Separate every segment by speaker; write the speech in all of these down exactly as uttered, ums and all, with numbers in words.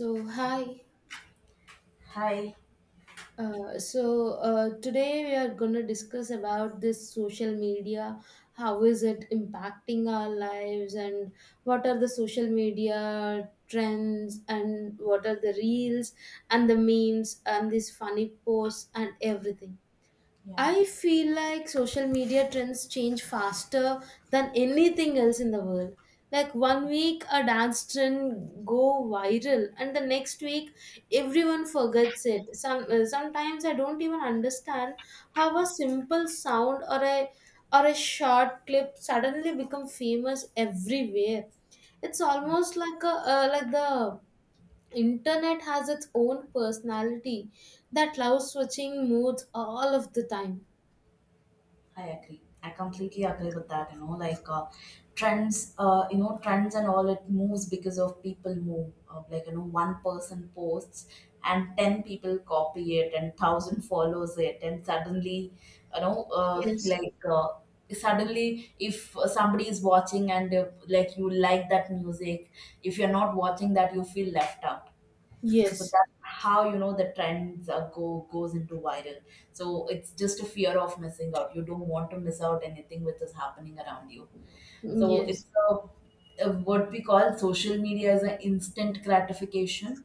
Speaker 1: So hi.
Speaker 2: Hi,
Speaker 1: Uh, so uh, today we are going to discuss about this social media. How is it impacting our lives, and what are the social media trends, and what are the reels and the memes and these funny posts and everything.
Speaker 2: yeah,
Speaker 1: I feel like social media trends change faster than anything else in the world. Like one week a dance trend go viral and the next week everyone forgets it. Some uh, sometimes I don't even understand how a simple sound or a or a short clip suddenly become famous everywhere. It's almost like a uh, like the internet has its own personality that loves switching moods all of the time.
Speaker 2: I agree. I completely agree with that. You know, like uh, trends, uh, you know, trends and all it moves because of people move. Uh, like you know, one person posts and ten people copy it, and thousand follows it, and suddenly, you know, uh,
Speaker 1: Yes,
Speaker 2: like uh, suddenly, if somebody is watching and uh, like you like that music, if you're not watching that, you feel left out. So
Speaker 1: yes,
Speaker 2: that's how you know the trends uh, go goes into viral. So it's just a fear of missing out. You don't want to miss out anything which is happening around you. So
Speaker 1: yes,
Speaker 2: it's a, a what we call social media is an instant gratification.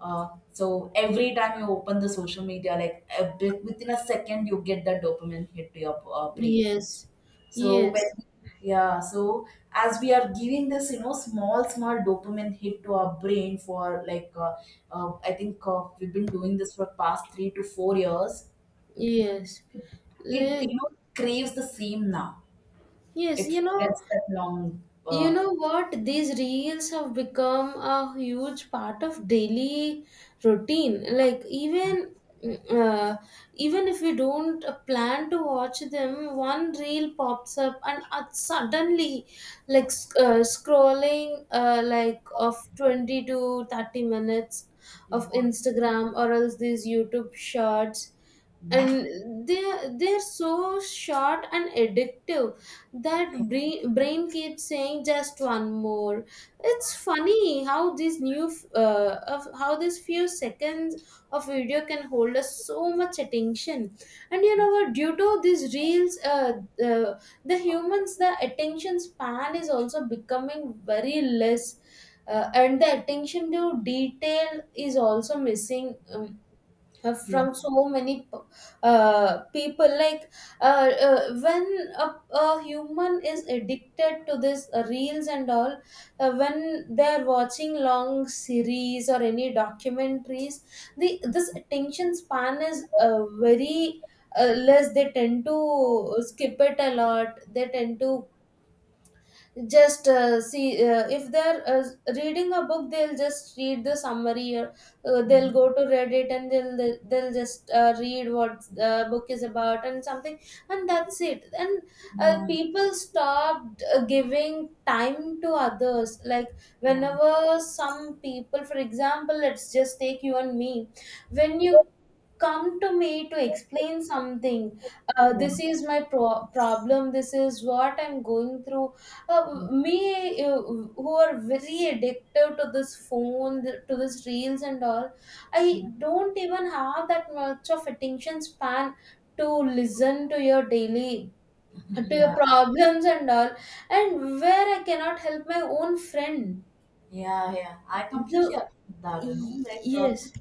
Speaker 2: uh, So every time you open the social media like a bit, within a second you get that dopamine hit to your uh, brain.
Speaker 1: yes,
Speaker 2: so when
Speaker 1: yes,
Speaker 2: yeah, so as we are giving this, you know, small small dopamine hit to our brain for like uh, uh, I think uh, we've been doing this for past three to four years.
Speaker 1: yes.
Speaker 2: It
Speaker 1: Like,
Speaker 2: you know craves the same now.
Speaker 1: yes,
Speaker 2: It
Speaker 1: you know,
Speaker 2: forgets that long.
Speaker 1: you
Speaker 2: Uh,
Speaker 1: know what? These reels have become a huge part of daily routine. Like even mm, uh, even if we don't uh, plan to watch them, one reel pops up and uh, suddenly, like sc- uh, scrolling, uh, like of twenty to thirty minutes
Speaker 2: you
Speaker 1: of
Speaker 2: know,
Speaker 1: Instagram or else these YouTube shorts.
Speaker 2: yeah,
Speaker 1: And they're they're so short and addictive that brain, brain keeps saying just one more. It's funny how these new f- uh, of how these few seconds of video can hold us so much attention. And you know what, due to these reels, uh, uh, the humans, the attention span is also becoming very less, uh, and the attention to detail is also missing, um, uh,
Speaker 2: yeah,
Speaker 1: from so many p- uh, people. Like uh, uh, when a, a human is addicted to this uh, reels and all, uh, when they're watching long series or any documentaries, the this attention span is uh, very uh, less. They tend to skip it a lot. They tend to just uh, see, uh, if they're uh, reading a book, they'll just read the summary, or uh,
Speaker 2: yeah,
Speaker 1: they'll go to reddit and they'll they'll just uh, read what the book is about and something, and that's it. And uh, people stopped uh, giving time to others. Like
Speaker 2: yeah,
Speaker 1: whenever some people, for example, let's just take you and me, when you come to me to explain something, uh,
Speaker 2: yeah,
Speaker 1: this is my pro- problem, this is what I'm going through, uh,
Speaker 2: yeah,
Speaker 1: me, uh, who are very addicted to this phone, to this reels and all, I
Speaker 2: yeah,
Speaker 1: don't even have that much of attention span to listen to your daily, to your
Speaker 2: yeah.
Speaker 1: problems and all. And where I cannot help my own friend.
Speaker 2: Yeah, yeah, I completely
Speaker 1: The
Speaker 2: agree with that. You know,
Speaker 1: y-
Speaker 2: like uh,
Speaker 1: yes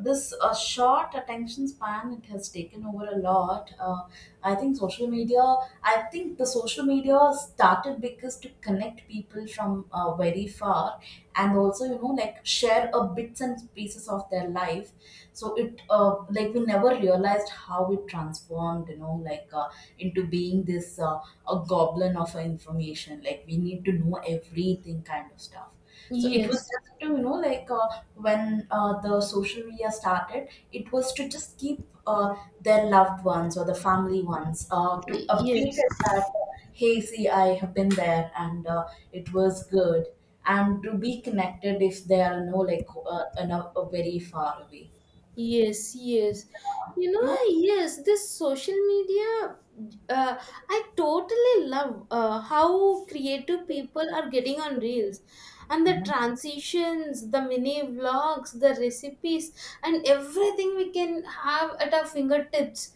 Speaker 2: this uh, short attention span, it has taken over a lot. Uh, I think social media. I think the social media started because to connect people from uh, very far, and also you know like share a bits and pieces of their life. So it uh, like we never realized how it transformed. You know, like uh, into being this uh, a goblin of information. Like we need to know everything kind of stuff. So it was
Speaker 1: yes
Speaker 2: just to, you know, like uh, when uh, the social media started, it was to just keep uh, their loved ones or the family ones uh, to
Speaker 1: y-
Speaker 2: update
Speaker 1: Yes.
Speaker 2: it that, uh, hey, see, I have been there and uh, it was good. And to be connected if they are, you know, like uh, in a, a very far away.
Speaker 1: Yes, yes. You
Speaker 2: You
Speaker 1: know,
Speaker 2: know?
Speaker 1: yes, this social media, uh, I totally love uh, how creative people are getting on reels. And the transitions, the mini vlogs, the recipes, and everything we can have at our fingertips.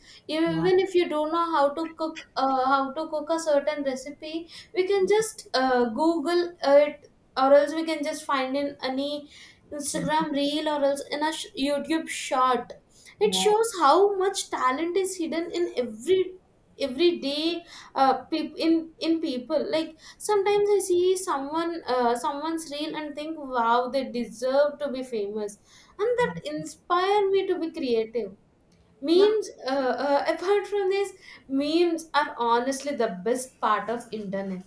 Speaker 2: Yeah.
Speaker 1: Even if you don't know how to cook, uh, how to cook a certain recipe, we can just uh, Google it, or else we can just find in any
Speaker 2: Yeah.
Speaker 1: Instagram reel or else in a sh- YouTube short. It
Speaker 2: Yeah.
Speaker 1: shows how much talent is hidden in every everyday uh, peop in in people. Like sometimes I see someone uh, someone's reel and think wow, they deserve to be famous, and that inspire me to be creative.
Speaker 2: Yeah.
Speaker 1: Memes, uh, uh, apart from this, memes are honestly the best part of internet.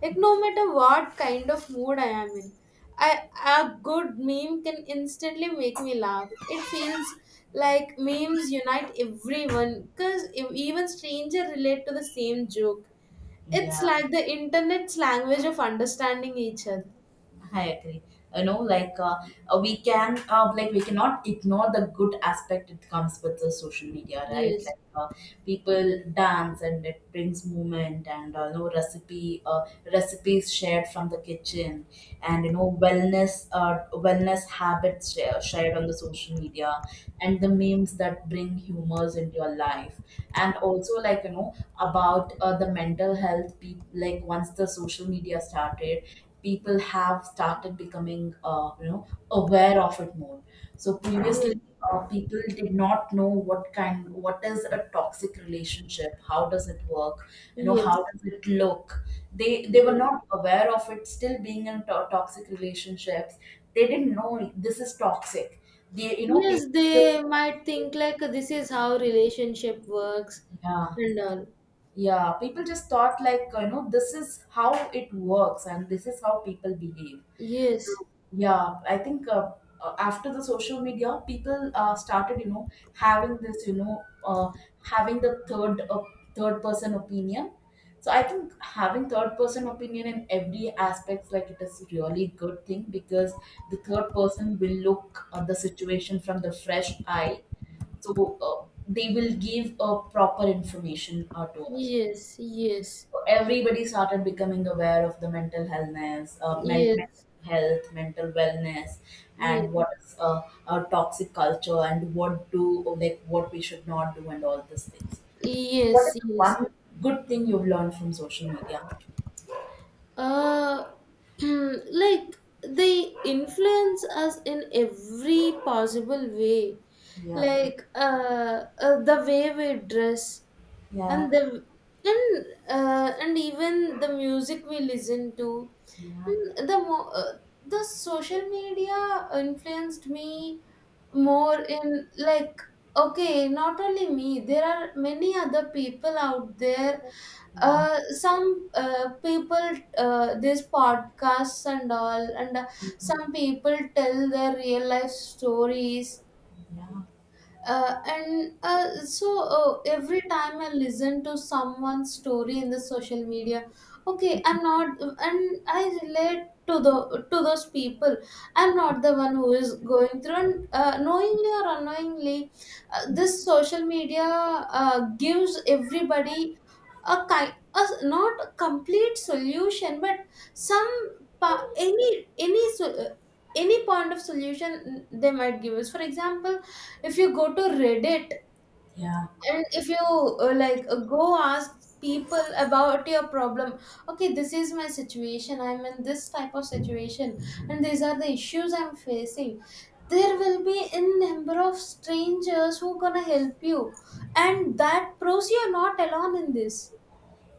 Speaker 1: Like no matter what kind of mood I am in, I, a good meme can instantly make me laugh. It feels like memes unite everyone because even strangers relate to the same joke. It's
Speaker 2: Yeah.
Speaker 1: like the internet's language of understanding each other.
Speaker 2: I agree. You know, like uh, uh, we can, uh, like we cannot ignore the good aspect it comes with the social media, right?
Speaker 1: Yes,
Speaker 2: Like uh, people dance and it brings movement, and uh, you know, recipe, uh, recipes shared from the kitchen, and you know, wellness, uh, wellness habits share, shared on the social media, and the memes that bring humors into your life. And also like you know about uh, the mental health, pe- like once the social media started, people have started becoming uh, you know aware of it more. So previously
Speaker 1: yes,
Speaker 2: uh, people did not know what kind, what is a toxic relationship, how does it work, you know, how
Speaker 1: yes,
Speaker 2: does it look. They they were
Speaker 1: yes.
Speaker 2: not aware of it, still being in to- toxic relationships. They didn't know this is toxic. they you know
Speaker 1: Yes,
Speaker 2: people just
Speaker 1: they might think like this is how relationship works
Speaker 2: yeah,
Speaker 1: and all.
Speaker 2: yeah, people just thought like you know this is how it works and this is how people behave.
Speaker 1: Yes,
Speaker 2: So yeah, I think uh, uh, after the social media, people uh, started you know having this, you know, uh, having the third uh, third person opinion. So I think having third person opinion in every aspect like it is really good thing, because the third person will look at the situation from the fresh eye. So uh, they will give a proper information uh, to us.
Speaker 1: yes, yes,
Speaker 2: Everybody started becoming aware of the mental healthness, uh, men-
Speaker 1: yes,
Speaker 2: mental health, mental wellness, and
Speaker 1: yes,
Speaker 2: what is a, a toxic culture and what do or like what we should not do and all these things. What
Speaker 1: yes,
Speaker 2: is the
Speaker 1: yes.
Speaker 2: one good thing you've learned from social media?
Speaker 1: Uh, like they influence us in every possible way.
Speaker 2: Yeah,
Speaker 1: Like uh, uh, the way we dress,
Speaker 2: yeah,
Speaker 1: and the and uh, and even the music we listen to,
Speaker 2: yeah,
Speaker 1: and the mo- uh, the social media influenced me more in, like, okay, not only me, there are many other people out there,
Speaker 2: yeah, yeah,
Speaker 1: uh, some uh, people, uh, these podcasts and all, and uh, some people tell their real life stories, uh, and uh, so uh, every time I listen to someone's story in the social media, okay, I'm not, and I relate to the to those people, I'm not the one who is going through. And uh, knowingly or unknowingly, uh, this social media, uh, gives everybody a kind, a, not a complete solution but some pa- any any so- uh, any point of solution they might give us. For example, if you go to Reddit
Speaker 2: yeah,
Speaker 1: and if you uh, like uh, go ask people about your problem, okay, this is my situation, I'm in this type of situation, and these are the issues I'm facing. There will be in number of strangers who gonna help you, and that proves you're not alone in this.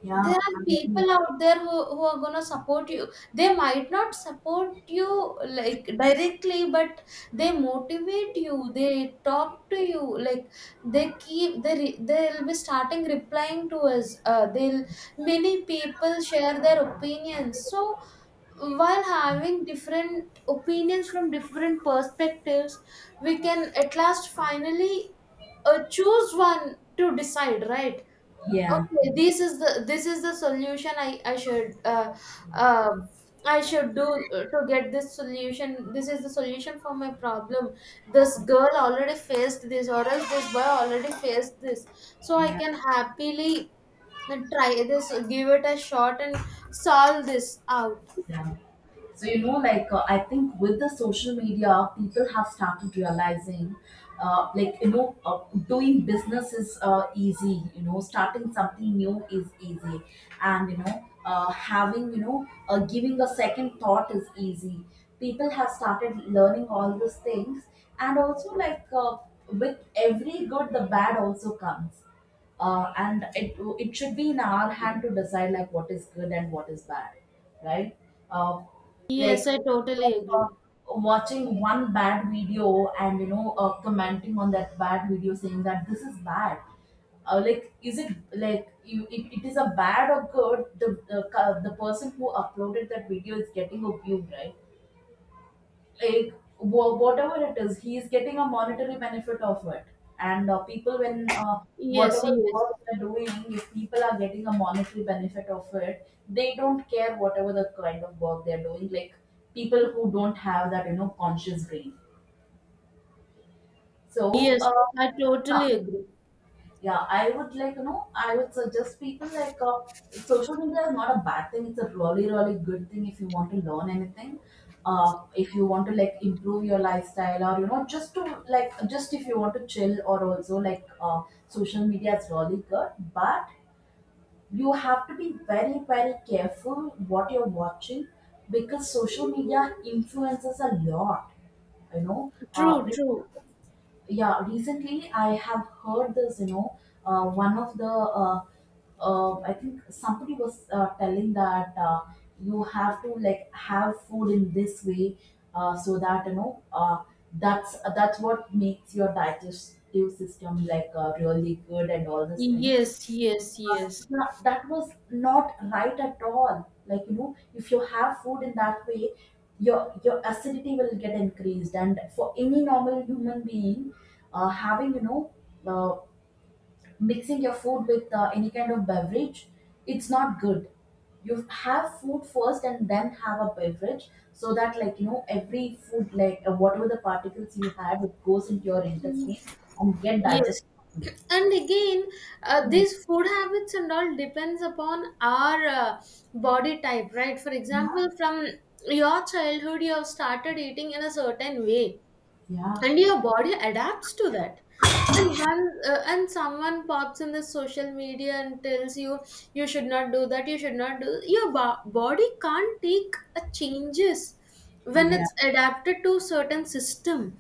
Speaker 2: yeah,
Speaker 1: There are
Speaker 2: yeah,
Speaker 1: people out there who, who are going to support you. They might not support you like directly, but they motivate you, they talk to you, like they keep, they re- they'll be starting replying to us, uh, they'll, many people share their opinions. So while having different opinions from different perspectives, we can at last finally uh, choose one to decide, right?
Speaker 2: yeah, yeah.
Speaker 1: Okay, this is the, this is the solution I I should uh, uh, I should do uh, to get this solution. This is the solution for my problem. This girl already faced this, or else this boy already faced this. So I
Speaker 2: Yeah.
Speaker 1: can happily try this, give it a shot, and solve this out.
Speaker 2: Yeah. So, you know, like, uh, I think with the social media, people have started realizing, uh, like, you know, uh, doing business is uh, easy, you know, starting something new is easy. And, you know, uh, having, you know, uh, giving a second thought is easy. People have started learning all these things. And also, like, uh, with every good, the bad also comes. Uh, and it, it should be in our hand to decide, like, what is good and what is bad, right? uh,
Speaker 1: Yes,
Speaker 2: like
Speaker 1: I totally
Speaker 2: uh,
Speaker 1: agree.
Speaker 2: watching one bad video and you know uh, commenting on that bad video saying that this is bad. Uh, like is it like you, it, it is a bad or good. The the, ca- the person who uploaded that video is getting a view, right? Like wha- whatever it is, he is getting a monetary benefit of it. And uh, people when uh,
Speaker 1: Yes,
Speaker 2: whatever
Speaker 1: yes,
Speaker 2: work they're doing, if people are getting a monetary benefit of it, they don't care whatever the kind of work they're doing. Like people who don't have that you know conscious brain. So uh,
Speaker 1: yes, I
Speaker 2: yeah,
Speaker 1: totally agree.
Speaker 2: yeah, I would like, you know, I would suggest people like uh, social media is not a bad thing. It's a really, really good thing if you want to learn anything. Uh, if you want to like improve your lifestyle or, you know, just to like, just if you want to chill or also like uh, social media is really good. But you have to be very, very careful what you're watching, because social media influences a lot, you know. Uh,
Speaker 1: True, true.
Speaker 2: yeah, recently I have heard this, you know, uh, one of the uh, uh, I think somebody was uh, telling that uh, you have to like have food in this way, uh, so that you know uh, that's that's what makes your digestive system like uh, really good and all these things.
Speaker 1: Yes, yes, yes.
Speaker 2: Yeah, that was not right at all. Like, you know, if you have food in that way, your your acidity will get increased. And for any normal human being, uh, having, you know, uh, mixing your food with uh, any kind of beverage, it's not good. You have food first and then have a beverage so that, like, you know, every food, like, uh, whatever the particles you had, it goes into your intestine and get
Speaker 1: Yes.
Speaker 2: digested properly.
Speaker 1: And again, uh, these food habits and all depends upon our uh, body type, right? For
Speaker 2: Yeah,
Speaker 1: example, from your childhood, you have started eating in a certain way,
Speaker 2: yeah,
Speaker 1: and your body adapts to that. And one uh, and someone pops in the social media and tells you, you should not do that, you should not do. Your bo- body can't take a changes when
Speaker 2: yeah,
Speaker 1: it's adapted to certain system.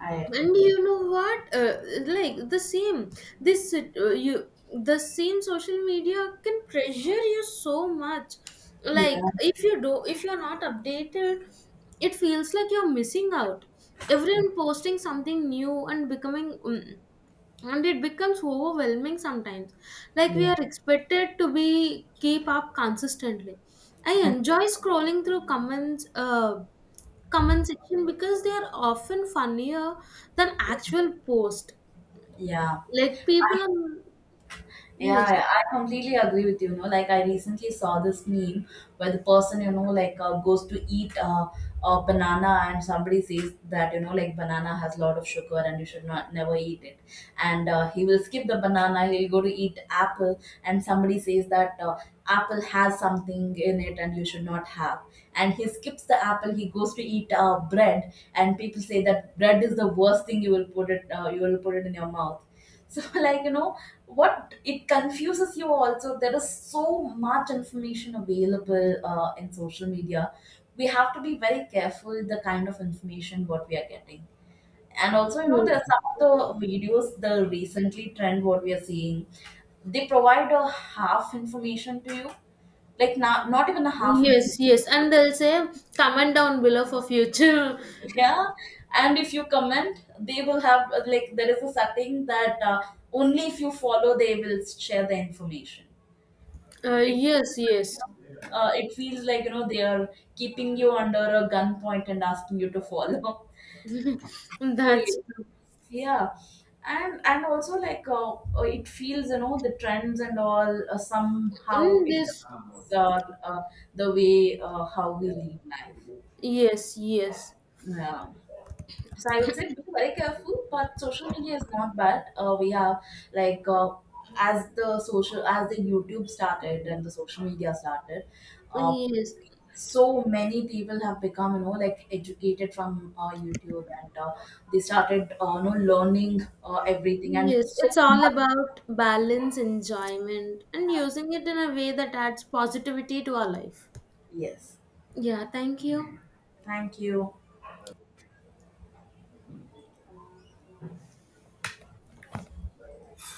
Speaker 2: I agree.
Speaker 1: And you know what, uh, like the same, this uh, you the same social media can pressure you so much.
Speaker 2: Yeah,
Speaker 1: Like if you do, if you're not updated, it feels like you're missing out, everyone posting something new and becoming, mm, and it becomes overwhelming sometimes. Like we
Speaker 2: yeah,
Speaker 1: are expected to be keep up consistently. I enjoy scrolling through comments uh, comment section because they are often funnier than actual post.
Speaker 2: yeah,
Speaker 1: Like people are,
Speaker 2: yeah.
Speaker 1: yes.
Speaker 2: I I completely agree with you. You know, like I recently saw this meme where the person you know like uh, goes to eat uh, a banana, and somebody says that you know like banana has a lot of sugar and you should not never eat it. And uh, he will skip the banana. He'll go to eat apple, and somebody says that uh, apple has something in it and you should not have. And he skips the apple. He goes to eat uh, bread, and people say that bread is the worst thing you will put it. Uh, you will put it in your mouth. So like you know what, it confuses you also. There is so much information available uh, in social media. We have to be very careful the kind of information what we are getting. And also you know there are some of the videos, the recently trend what we are seeing, they provide a half information to you. Like not not even a half
Speaker 1: Yes,
Speaker 2: information.
Speaker 1: yes, and they'll say comment down below for future.
Speaker 2: Yeah. And if you comment they will have uh, like there is a setting that uh, only if you follow they will share the information.
Speaker 1: Uh,
Speaker 2: It
Speaker 1: yes,
Speaker 2: feels like, you
Speaker 1: yes,
Speaker 2: know, uh, it feels like, you know, they are keeping you under a gunpoint and asking you to follow. So,
Speaker 1: that's true.
Speaker 2: yeah. And and also like uh, uh, it feels, you know, the trends and all uh, somehow
Speaker 1: Mm,
Speaker 2: it
Speaker 1: this,
Speaker 2: affects uh, uh, the way uh, how we live life.
Speaker 1: yes, yes,
Speaker 2: Yeah. So I would say be very careful, but social media is not bad. Uh, we have like uh, as the social as the YouTube started and the social media started, uh,
Speaker 1: yes,
Speaker 2: so many people have become you know like educated from uh, YouTube and uh, they started uh, you know learning uh, everything and
Speaker 1: yes.
Speaker 2: so
Speaker 1: It's all
Speaker 2: much.
Speaker 1: about balance, enjoyment, and using it in a way that adds positivity to our life.
Speaker 2: Yes,
Speaker 1: Yeah, thank you.
Speaker 2: thank you.